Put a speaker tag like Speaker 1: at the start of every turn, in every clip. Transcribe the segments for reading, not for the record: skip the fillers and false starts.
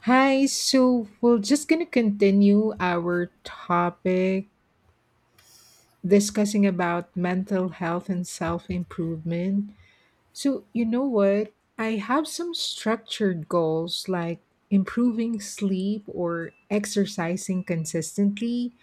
Speaker 1: Hi, so we're just going to continue our topic discussing about mental health and self-improvement. So, you know what? I have some structured goals like improving sleep or exercising consistently,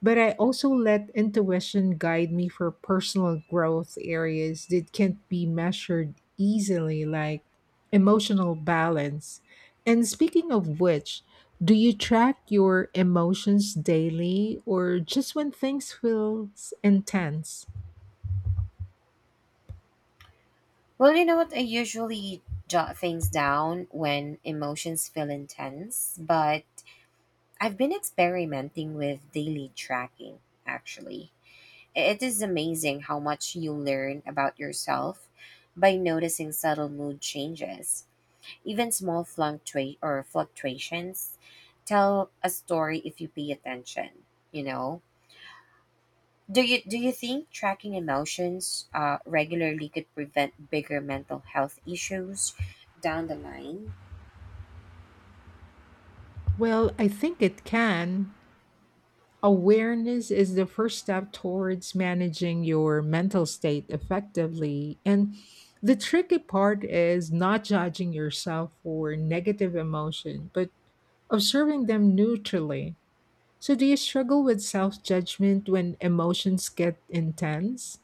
Speaker 1: but I also let intuition guide me for personal growth areas that can't be measured easily, like emotional balance. And speaking of which, do you track your emotions daily or just when things feel intense?
Speaker 2: Well, you know what? I usually jot things down when emotions feel intense, but I've been experimenting with daily tracking, actually. It is amazing how much you learn about yourself by noticing subtle mood changes. Even small fluctua- or fluctuations tell a story if you pay attention, you know? Do you think tracking emotions regularly could prevent bigger mental health issues down the line?
Speaker 1: Well, I think it can, awareness is the first step towards managing your mental state effectively. And the tricky part is not judging yourself for negative emotion, but observing them neutrally. So, do you struggle with self judgment when emotions get intense?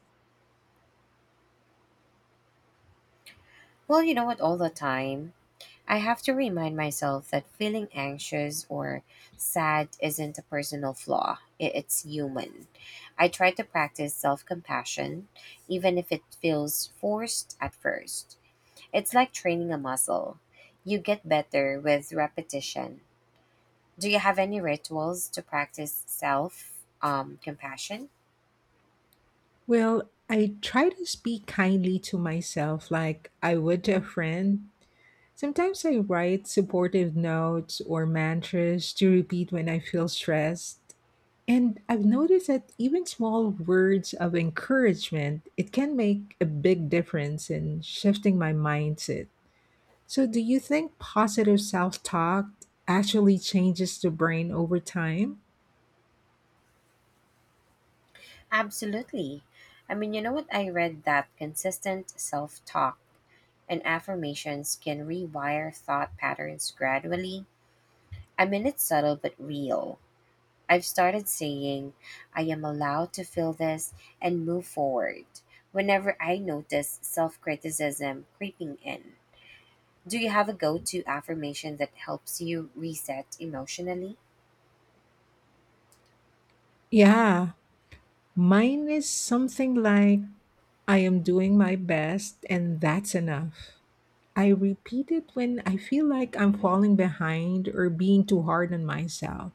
Speaker 2: Well, you know what? All the time, I have to remind myself that feeling anxious or sad isn't a personal flaw. It's human. I try to practice self compassion, even if it feels forced at first. It's like training a muscle. You get better with repetition. Do you have any rituals to practice self compassion?
Speaker 1: Well, I try to speak kindly to myself like I would to a friend. Sometimes I write supportive notes or mantras to repeat when I feel stressed. And I've noticed that even small words of encouragement, it can make a big difference in shifting my mindset. So do you think positive self-talk actually changes the brain over time?
Speaker 2: Absolutely. I mean, you know what? I read that consistent self talk and affirmations can rewire thought patterns gradually. I mean, it's subtle but real. I've started saying, I am allowed to feel this and move forward whenever I notice self criticism creeping in. Do you have a go to affirmation that helps you reset emotionally?
Speaker 1: Yeah, mine is something like I am doing my best and that's enough. I repeat it when I feel like I'm falling behind or being too hard on myself.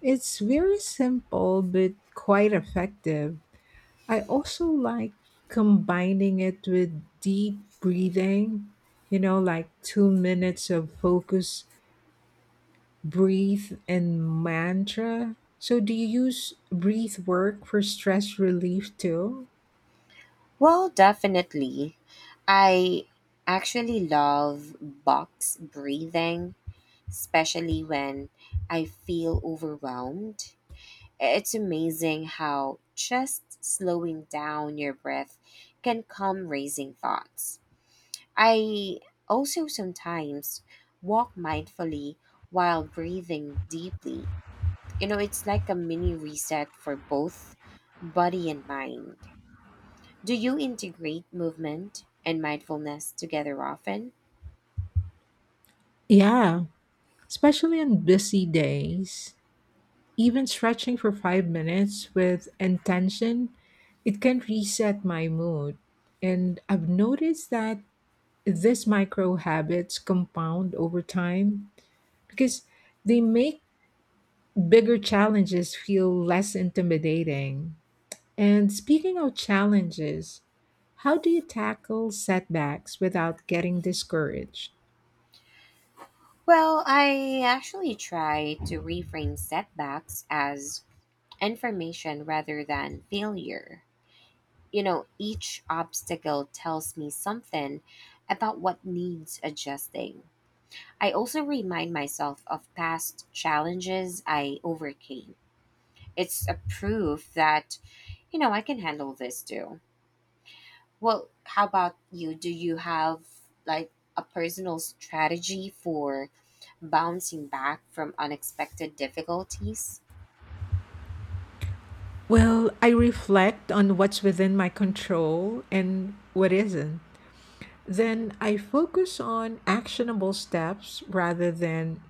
Speaker 1: It's very simple but quite effective. I also like combining it with deep breathing, you know, like 2 minutes of focus, breathe, and mantra. So, do you use breathe work for stress relief too?
Speaker 2: Well, definitely. I actually love box breathing, especially when I feel overwhelmed. It's amazing how just slowing down your breath can calm racing thoughts. I also sometimes walk mindfully while breathing deeply. You know, it's like a mini reset for both body and mind. Do you integrate movement and mindfulness together often?
Speaker 1: Yeah, especially on busy days. Even stretching for 5 minutes with intention, it can reset my mood. And I've noticed that these micro habits compound over time because they make bigger challenges feel less intimidating. And speaking of challenges, how do you tackle setbacks without getting discouraged?
Speaker 2: Well, I actually try to reframe setbacks as information rather than failure. You know, each obstacle tells me something about what needs adjusting. I also remind myself of past challenges I overcame. It's a proof that, you know, I can handle this too. Well, how about you? Do you have like a personal strategy for bouncing back from unexpected difficulties?
Speaker 1: Well, I reflect on what's within my control and what isn't. Then I focus on actionable steps rather than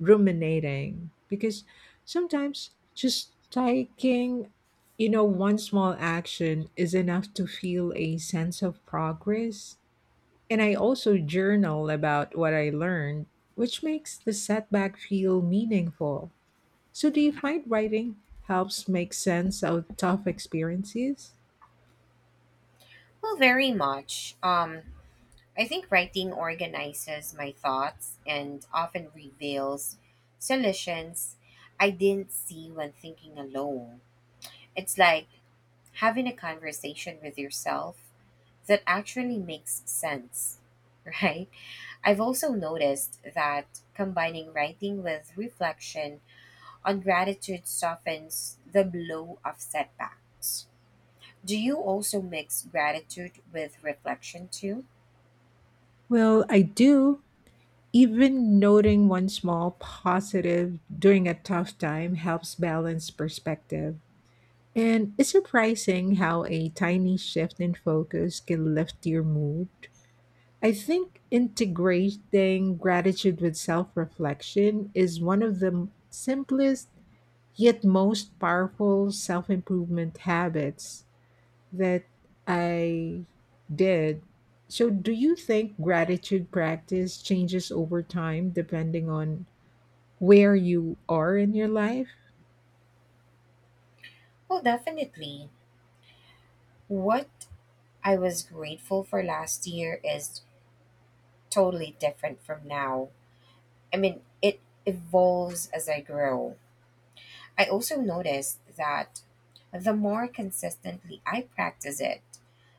Speaker 1: ruminating, because sometimes just taking, you know, one small action is enough to feel a sense of progress. And I also journal about what I learned, which makes the setback feel meaningful. So do you find writing helps make sense of tough experiences?
Speaker 2: Well, very much. I think writing organizes my thoughts and often reveals solutions I didn't see when thinking alone. It's like having a conversation with yourself that actually makes sense, right? I've also noticed that combining writing with reflection on gratitude softens the blow of setbacks. Do you also mix gratitude with reflection too?
Speaker 1: Well, I do. Even noting one small positive during a tough time helps balance perspective. And it's surprising how a tiny shift in focus can lift your mood. I think integrating gratitude with self reflection is one of the simplest yet most powerful self improvement habits that I did. So, do you think gratitude practice changes over time depending on where you are in your life?
Speaker 2: Well, definitely. What I was grateful for last year is totally different from now. I mean, it evolves as I grow. I also noticed that the more consistently I practice it,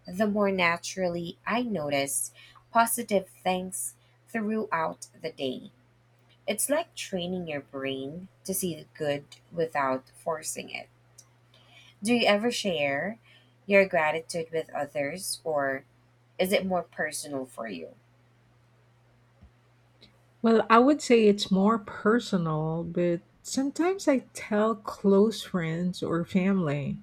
Speaker 2: the more naturally I notice positive things throughout the day. It's like training your brain to see the good without forcing it. Do you ever share your gratitude with others, or is it more personal for you?
Speaker 1: Well, I would say it's more personal, but sometimes I tell close friends or family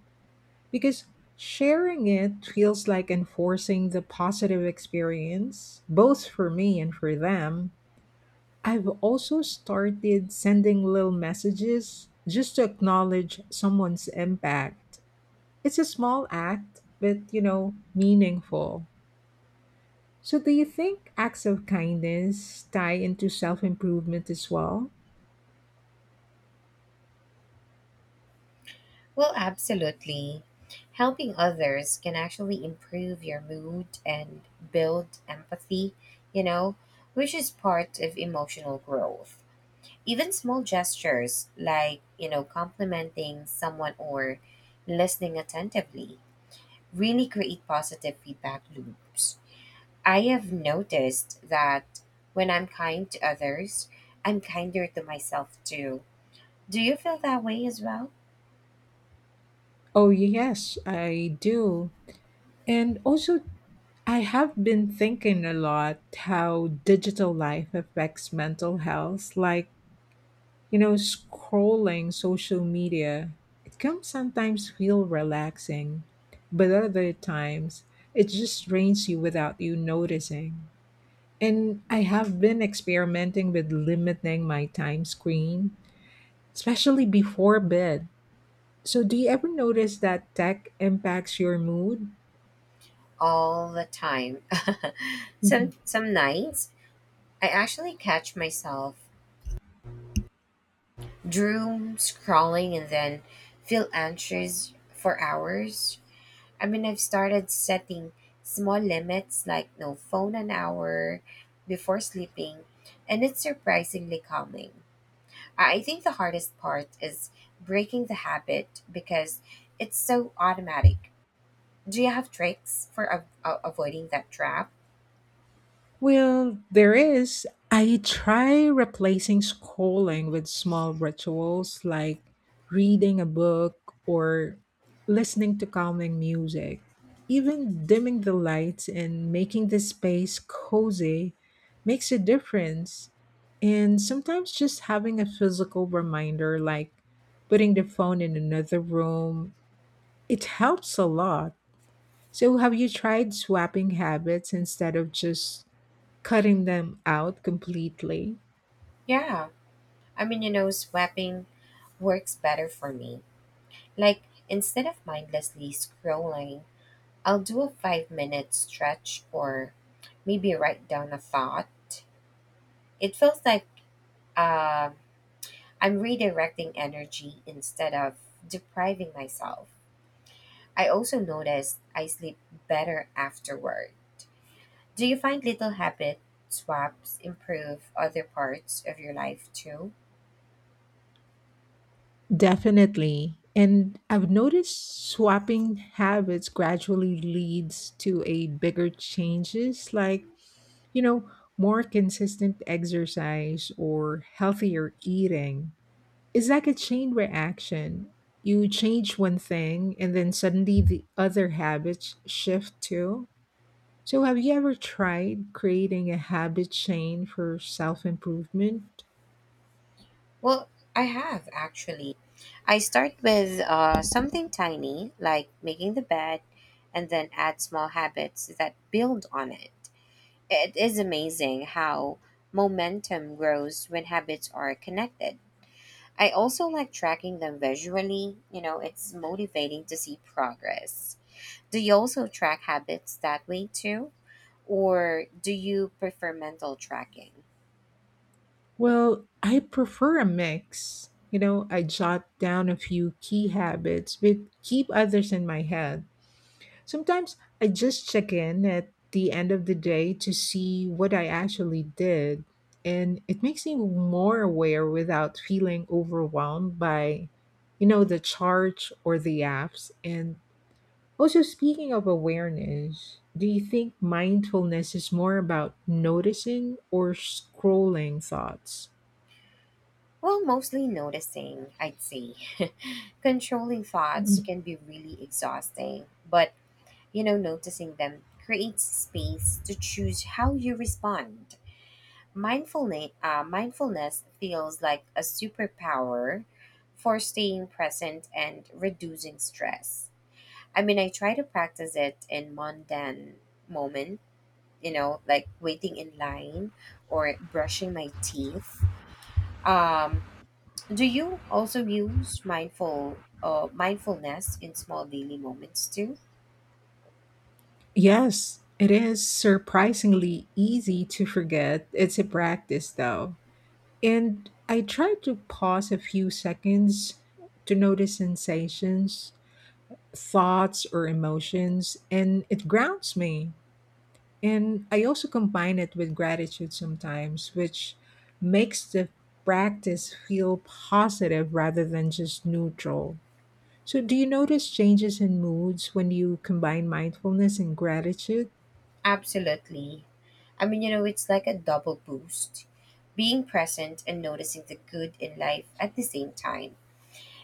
Speaker 1: because sharing it feels like enforcing the positive experience, both for me and for them. I've also started sending little messages just to acknowledge someone's impact. It's a small act, but you know, meaningful. So, do you think acts of kindness tie into self improvement as well?
Speaker 2: Well, absolutely. Helping others can actually improve your mood and build empathy, you know, which is part of emotional growth. Even small gestures like, you know, complimenting someone or listening attentively really create positive feedback loops. I have noticed that when I'm kind to others, I'm kinder to myself too. Do you feel that way as well?
Speaker 1: Oh, yes, I do. And also, I have been thinking a lot how digital life affects mental health. Like, you know, scrolling social media, it can sometimes feel relaxing, but other times it just drains you without you noticing. And I have been experimenting with limiting my time screen, especially before bed. So, do you ever notice that tech impacts your mood?
Speaker 2: All the time. some some nights I actually catch myself doom scrolling and then feel anxious for hours. I mean, I've started setting small limits like no phone an hour before sleeping, and it's surprisingly calming. I think the hardest part is breaking the habit because it's so automatic. Do you have tricks for avoiding that trap?
Speaker 1: Well, there is. I try replacing scrolling with small rituals like reading a book or listening to calming music. Even dimming the lights and making the space cozy makes a difference. And sometimes just having a physical reminder, like putting the phone in another room, it helps a lot. So, have you tried swapping habits instead of just cutting them out completely?
Speaker 2: Yeah. I mean, you know, swapping works better for me. Like, instead of mindlessly scrolling, I'll do a 5-minute stretch or maybe write down a thought. It feels like uh, I'm redirecting energy instead of depriving myself. I also noticed I sleep better afterward. Do you find little habit swaps improve other parts of your life too?
Speaker 1: Definitely. And I've noticed swapping habits gradually leads to a bigger changes like, you know, more consistent exercise or healthier eating. It's like a chain reaction. You change one thing and then suddenly the other habits shift too. So have you ever tried creating a habit chain for self-improvement?
Speaker 2: Well, I have actually. I start with something tiny, like making the bed, and then add small habits that build on it. It is amazing how momentum grows when habits are connected. I also like tracking them visually. You know, it's motivating to see progress. Do you also track habits that way too? Or do you prefer mental tracking?
Speaker 1: Well, I prefer a mix. You know, I jot down a few key habits, but keep others in my head. Sometimes I just check in at the end of the day to see what I actually did, and it makes me more aware without feeling overwhelmed by, you know, the charge or the apps. And also, speaking of awareness, do you think mindfulness is more about noticing or scrolling thoughts?
Speaker 2: Well, mostly noticing, I'd say. Controlling thoughts can be really exhausting, but you know, noticing them creates space to choose how you respond. Mindfulness feels like a superpower for staying present and reducing stress. I mean, I try to practice it in mundane moment, you know, like waiting in line or brushing my teeth. Um, do you also use mindfulness in small daily moments too?
Speaker 1: Yes, it is surprisingly easy to forget. It's a practice, though. And I try to pause a few seconds to notice sensations, thoughts, or emotions, and it grounds me. And I also combine it with gratitude sometimes, which makes the practice feel positive rather than just neutral. So, do you notice changes in moods when you combine mindfulness and gratitude?
Speaker 2: Absolutely. I mean, you know, it's like a double boost. Being present and noticing the good in life at the same time.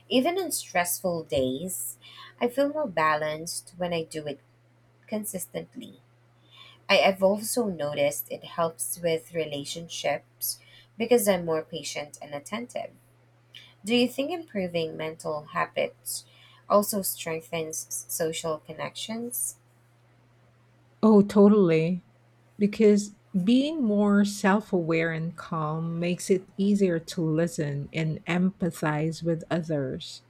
Speaker 2: Even on stressful days, I feel more balanced when I do it consistently. I have also noticed it helps with relationships because I'm more patient and attentive. Do you think improving mental habits also strengthens social connections?
Speaker 1: Oh, totally. Because being more self aware and calm makes it easier to listen and empathize with others.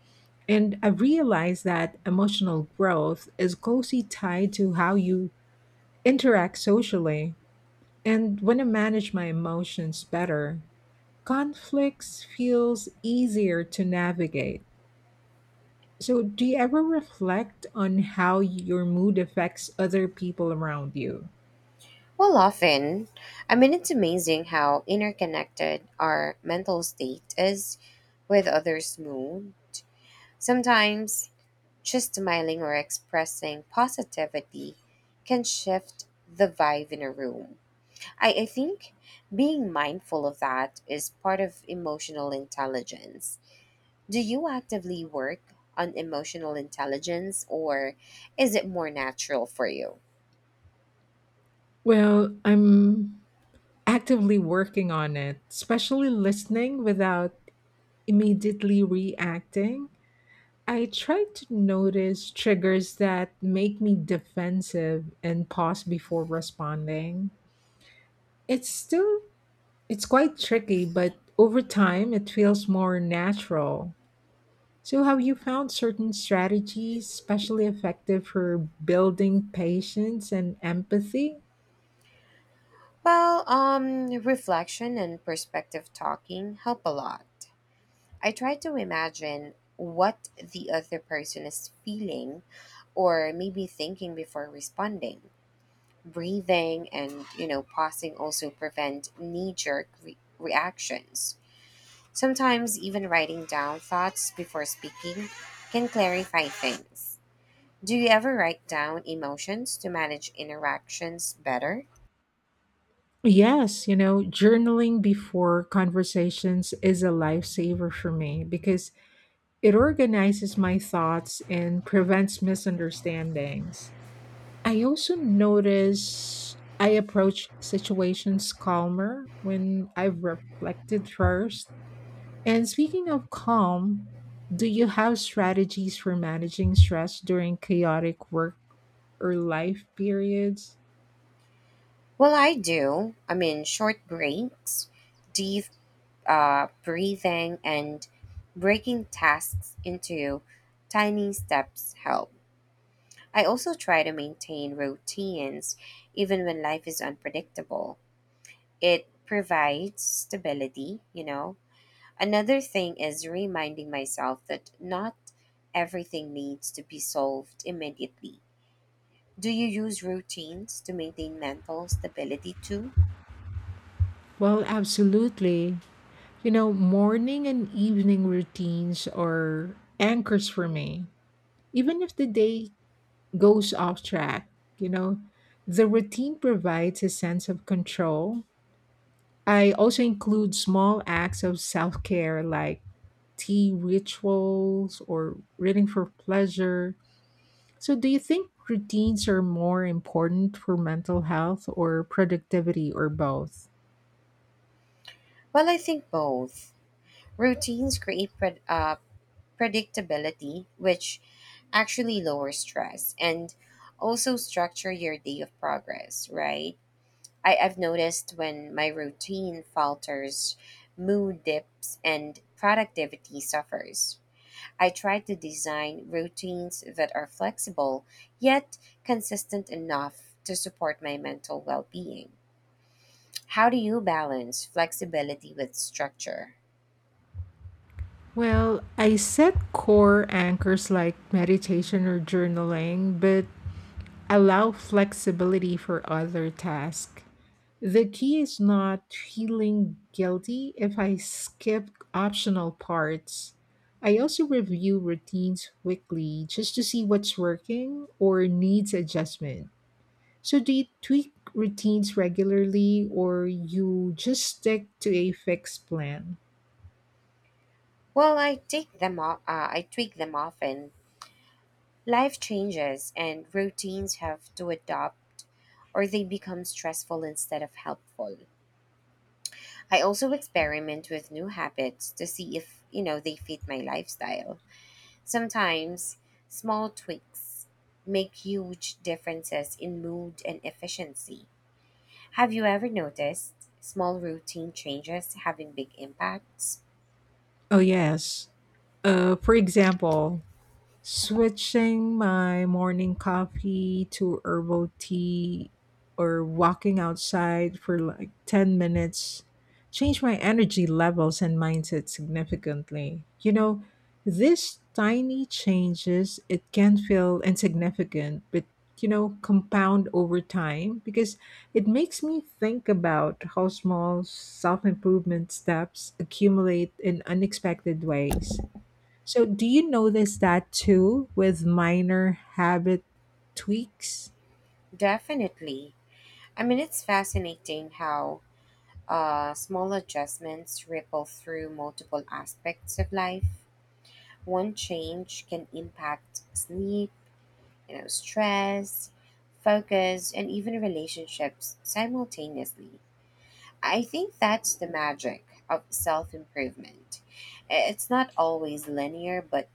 Speaker 1: And I realized that emotional growth is closely tied to how you interact socially. And when I manage my emotions better, conflicts feels easier to navigate. So, do you ever reflect on how your mood affects other people around you?
Speaker 2: Well, often, I mean, it's amazing how interconnected our mental state is with others' mood. Sometimes, just smiling or expressing positivity can shift the vibe in a room. I think being mindful of that is part of emotional intelligence. Do you actively work on emotional intelligence or is it more natural for you?
Speaker 1: Well, I'm actively working on it, especially listening without immediately reacting. I try to notice triggers that make me defensive and pause before responding. It's still it's quite tricky, but over time it feels more natural. So have you found certain strategies especially effective for building patience and empathy?
Speaker 2: Well, reflection and perspective talking help a lot. I try to imagine what the other person is feeling or maybe thinking before responding. Breathing and, you know, pausing also prevent knee jerk reactions. Sometimes even writing down thoughts before speaking can clarify things. Do you ever write down emotions to manage interactions better?
Speaker 1: Yes, you know, journaling before conversations is a lifesaver for me because it organizes my thoughts and prevents misunderstandings. I also notice I approach situations calmer when I've reflected first. And speaking of calm, do you have strategies for managing stress during chaotic work or life periods?
Speaker 2: Well, I do. I mean, short breaks, deep breathing, and breaking tasks into tiny steps help. I also try to maintain routines even when life is unpredictable. It provides stability, you know. Another thing is reminding myself that not everything needs to be solved immediately. Do you use routines to maintain mental stability too?
Speaker 1: Well, absolutely. You know, morning and evening routines are anchors for me. Even if the day goes off track, you know, the routine provides a sense of control. I also include small acts of self care like tea rituals or reading for pleasure. So, do you think routines are more important for mental health or productivity or both?
Speaker 2: Well, I think both. Routines create predictability, which actually lowers stress and also structure your day of progress, right? I've noticed when my routine falters, mood dips, and productivity suffers. I try to design routines that are flexible yet consistent enough to support my mental well being. How do you balance flexibility with structure?
Speaker 1: Well, I set core anchors like meditation or journaling, but allow flexibility for other tasks. The key is not feeling guilty if I skip optional parts. I also review routines weekly just to see what's working or needs adjustment. So, do you tweak routines regularly or you just stick to a fixed plan?
Speaker 2: Well, I take them off. I tweak them often. Life changes, and routines have to adapt, or they become stressful instead of helpful. I also experiment with new habits to see if you know they fit my lifestyle. Sometimes small tweaks make huge differences in mood and efficiency. Have you ever noticed small routine changes having big impacts?
Speaker 1: Oh, yes. For example, switching my morning coffee to herbal tea or walking outside for like 10 minutes changed my energy levels and mindset significantly. You know, these tiny changes, it can feel insignificant, but you know, compound over time because it makes me think about how small self improvement steps accumulate in unexpected ways. So, do you notice that too with minor habit tweaks?
Speaker 2: Definitely. I mean, it's fascinating how small adjustments ripple through multiple aspects of life. One change can impact sleep, you know, stress, focus, and even relationships simultaneously. I think that's the magic of self improvement. It's not always linear, but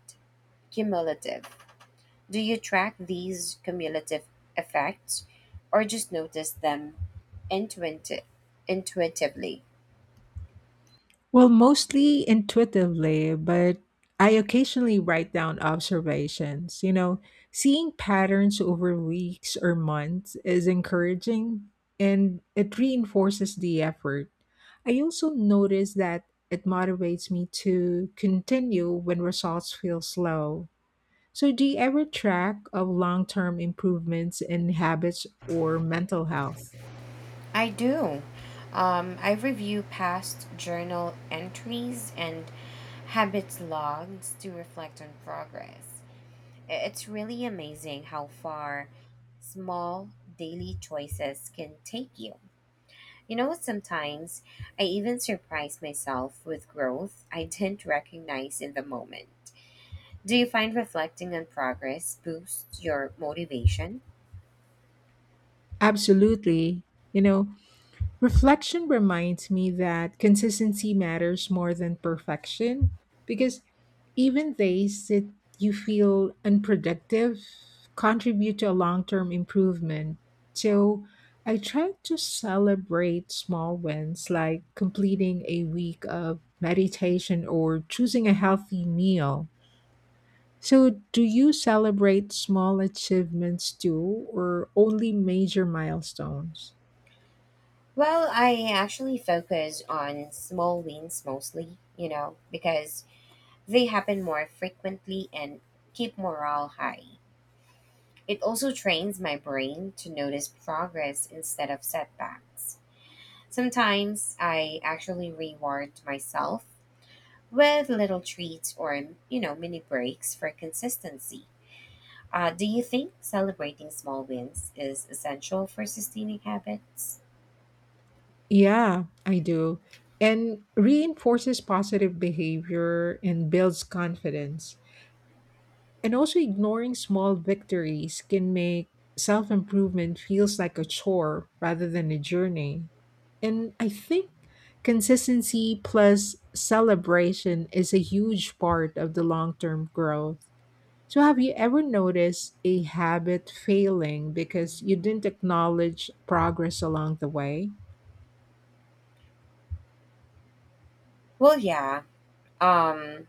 Speaker 2: cumulative. Do you track these cumulative effects or just notice them intuiti- intuitively?
Speaker 1: Well, mostly intuitively, but I occasionally write down observations. You know, seeing patterns over weeks or months is encouraging and it reinforces the effort. I also notice that it motivates me to continue when results feel slow. So, do you ever track of long term improvements in habits or mental health?
Speaker 2: I do. I review past journal entries and habits logs to reflect on progress. It's really amazing how far small daily choices can take you. You know, sometimes I even surprise myself with growth I didn't recognize in the moment. Do you find reflecting on progress boosts your motivation?
Speaker 1: Absolutely. You know, reflection reminds me that consistency matters more than perfection because even days that you feel unproductive contribute to a long term improvement. So, I try to celebrate small wins like completing a week of meditation or choosing a healthy meal. So, do you celebrate small achievements too, or only major milestones?
Speaker 2: Well, I actually focus on small wins mostly, you know, because they happen more frequently and keep morale high. It also trains my brain to notice progress instead of setbacks. Sometimes I actually reward myself with little treats or, you know, mini breaks for consistency. Do you think celebrating small wins is essential for sustaining habits?
Speaker 1: Yeah, I do. And reinforces positive behavior and builds confidence. And also, ignoring small victories can make self improvement feels like a chore rather than a journey. And I think consistency plus celebration is a huge part of the long term growth. So, have you ever noticed a habit failing because you didn't acknowledge progress along the way?
Speaker 2: Well, yeah. Um,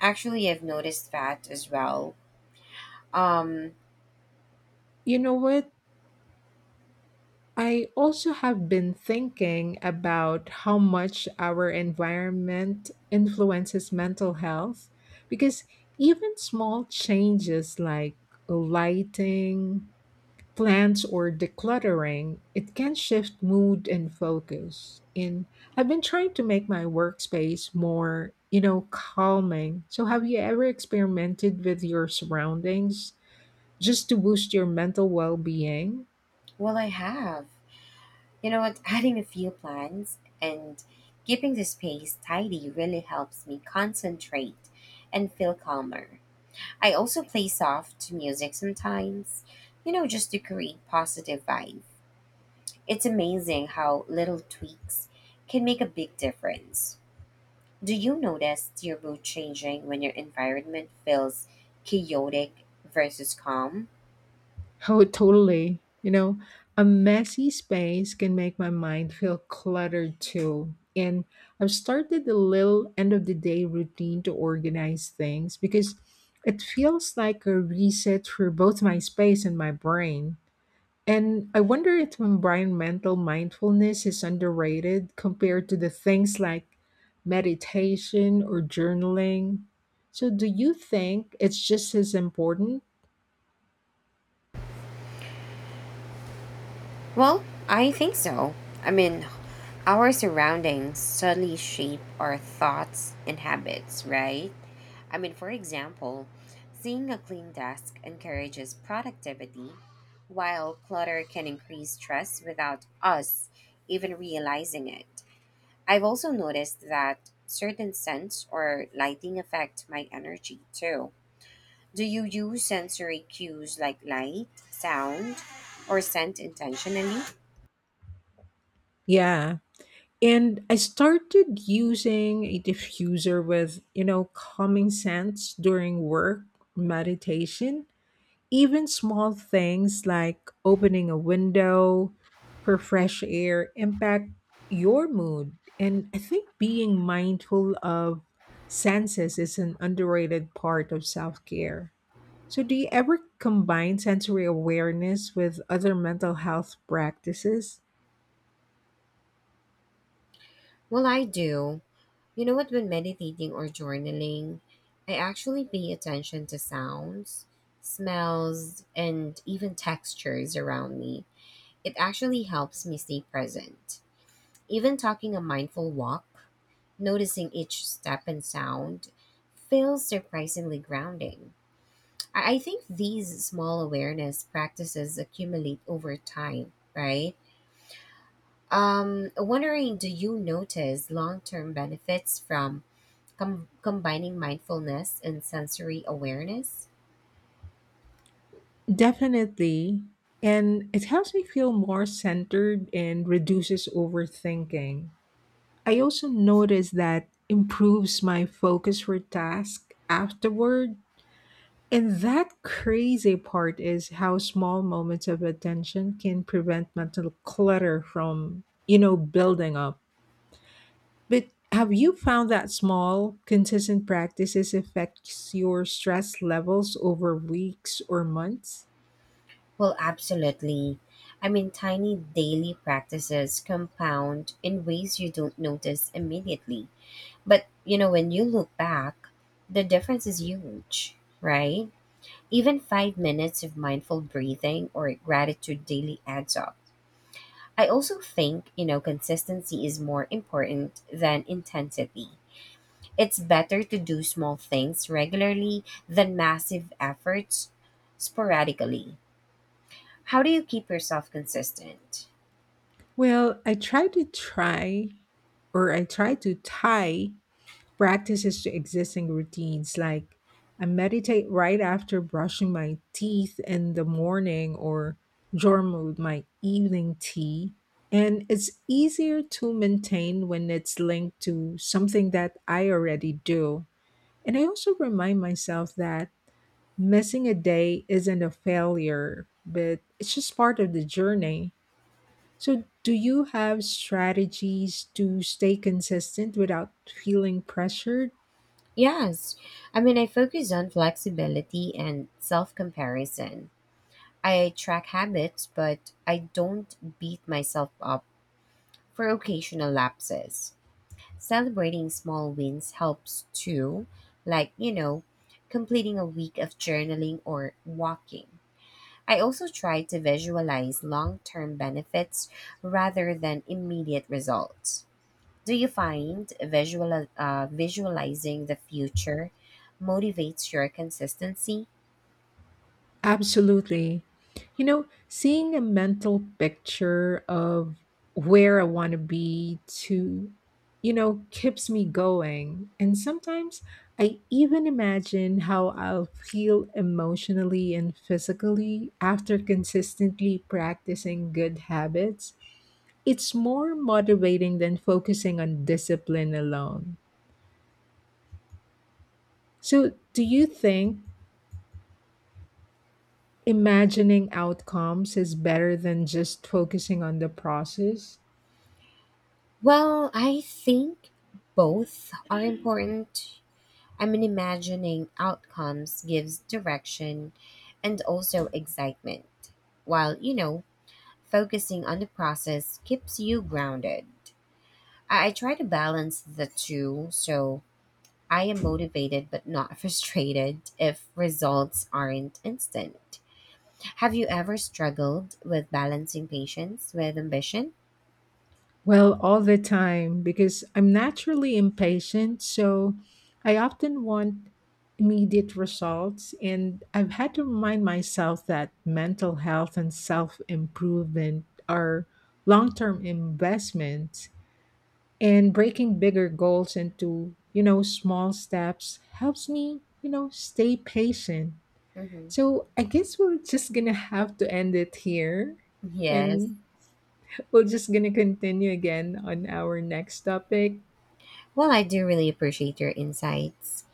Speaker 2: Actually, I've noticed that as well. Um,
Speaker 1: You know what? I also have been thinking about how much our environment influences mental health because even small changes like lighting, plans or decluttering, it can shift mood and focus. And I've been trying to make my workspace more, you know, calming. So, have you ever experimented with your surroundings just to boost your mental well being?
Speaker 2: well, I have. You know what? Adding a few plans and keeping the space tidy really helps me concentrate and feel calmer. I also play soft music sometimes, you know, just to create positive vibe. It's amazing how little tweaks can make a big difference. Do you notice your mood changing when your environment feels chaotic versus calm?
Speaker 1: Oh, totally. You know, a messy space can make my mind feel cluttered too. And I've started a little end of the day routine to organize things because it feels like a reset for both my space and my brain. And I wonder if environmental mindfulness is underrated compared to the things like meditation or journaling. So, do you think it's just as important?
Speaker 2: Well, I think so. I mean, our surroundings subtly shape our thoughts and habits, right? I mean, for example, seeing a clean desk encourages productivity, while clutter can increase stress without us even realizing it. I've also noticed that certain scents or lighting affect my energy too. Do you use sensory cues like light, sound, or scent intentionally?
Speaker 1: Yeah. And I started using a diffuser with, you know, calming scents during work, meditation, even small things like opening a window for fresh air impact your mood. And I think being mindful of senses is an underrated part of self care. So, do you ever combine sensory awareness with other mental health practices?
Speaker 2: Well, I do. You know what? When meditating or journaling, I actually pay attention to sounds, smells, and even textures around me. It actually helps me stay present. Even talking a mindful walk noticing each step and sound feels surprisingly grounding. I think these small awareness practices accumulate over time, right? Wondering, do you notice long term benefits from combining mindfulness and sensory awareness?
Speaker 1: Definitely. And it helps me feel more centered and reduces overthinking. I also notice that improves my focus for task afterward. And that crazy part is how small moments of attention can prevent mental clutter from, you know, building up. But have you found that small, consistent practices affects your stress levels over weeks or months?
Speaker 2: Well, absolutely. I mean, tiny daily practices compound in ways you don't notice immediately. But you know, when you look back, the difference is huge, right? Even 5 minutes of mindful breathing or gratitude daily adds up. I also think, you know, consistency is more important than intensity. It's better to do small things regularly than massive efforts sporadically. How do you keep yourself consistent?
Speaker 1: Well, I try to tie practices to existing routines. Like I meditate right after brushing my teeth in the morning or journal with my evening tea. And it's easier to maintain when it's linked to something that I already do. And I also remind myself that missing a day isn't a failure, but it's just part of the journey. So, do you have strategies to stay consistent without feeling pressured?
Speaker 2: Yes. I mean, I focus on flexibility and self comparison. I track habits, but I don't beat myself up for occasional lapses. Celebrating small wins helps too, like, you know, completing a week of journaling or walking. I also try to visualize long term benefits rather than immediate results. Do you find visualizing the future motivates your consistency?
Speaker 1: Absolutely. You know, seeing a mental picture of where I want to be to, you know, keeps me going. And sometimes I even imagine how I'll feel emotionally and physically after consistently practicing good habits. It's more motivating than focusing on discipline alone. So, do you think imagining outcomes is better than just focusing on the process?
Speaker 2: Well, I think both are important. I mean, imagining outcomes gives direction and also excitement, while, you know, focusing on the process keeps you grounded. I try to balance the two so I am motivated but not frustrated if results aren't instant. Have you ever struggled with balancing patience with ambition?
Speaker 1: Well, all the time, because I'm naturally impatient. So, I often want immediate results. And I've had to remind myself that mental health and self improvement are long term investments. And breaking bigger goals into, you know, small steps helps me, you know, stay patient.
Speaker 2: Hmm.
Speaker 1: So I guess we're just gonna have to end it here.
Speaker 2: Yes.
Speaker 1: And we're just gonna continue again on our next topic.
Speaker 2: Well, I do really appreciate your insights.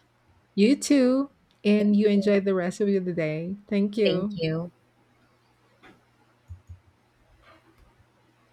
Speaker 1: You too. And
Speaker 2: Thank
Speaker 1: you
Speaker 2: you.
Speaker 1: enjoy the rest of the day. Thank
Speaker 2: Thank
Speaker 1: you.
Speaker 2: you.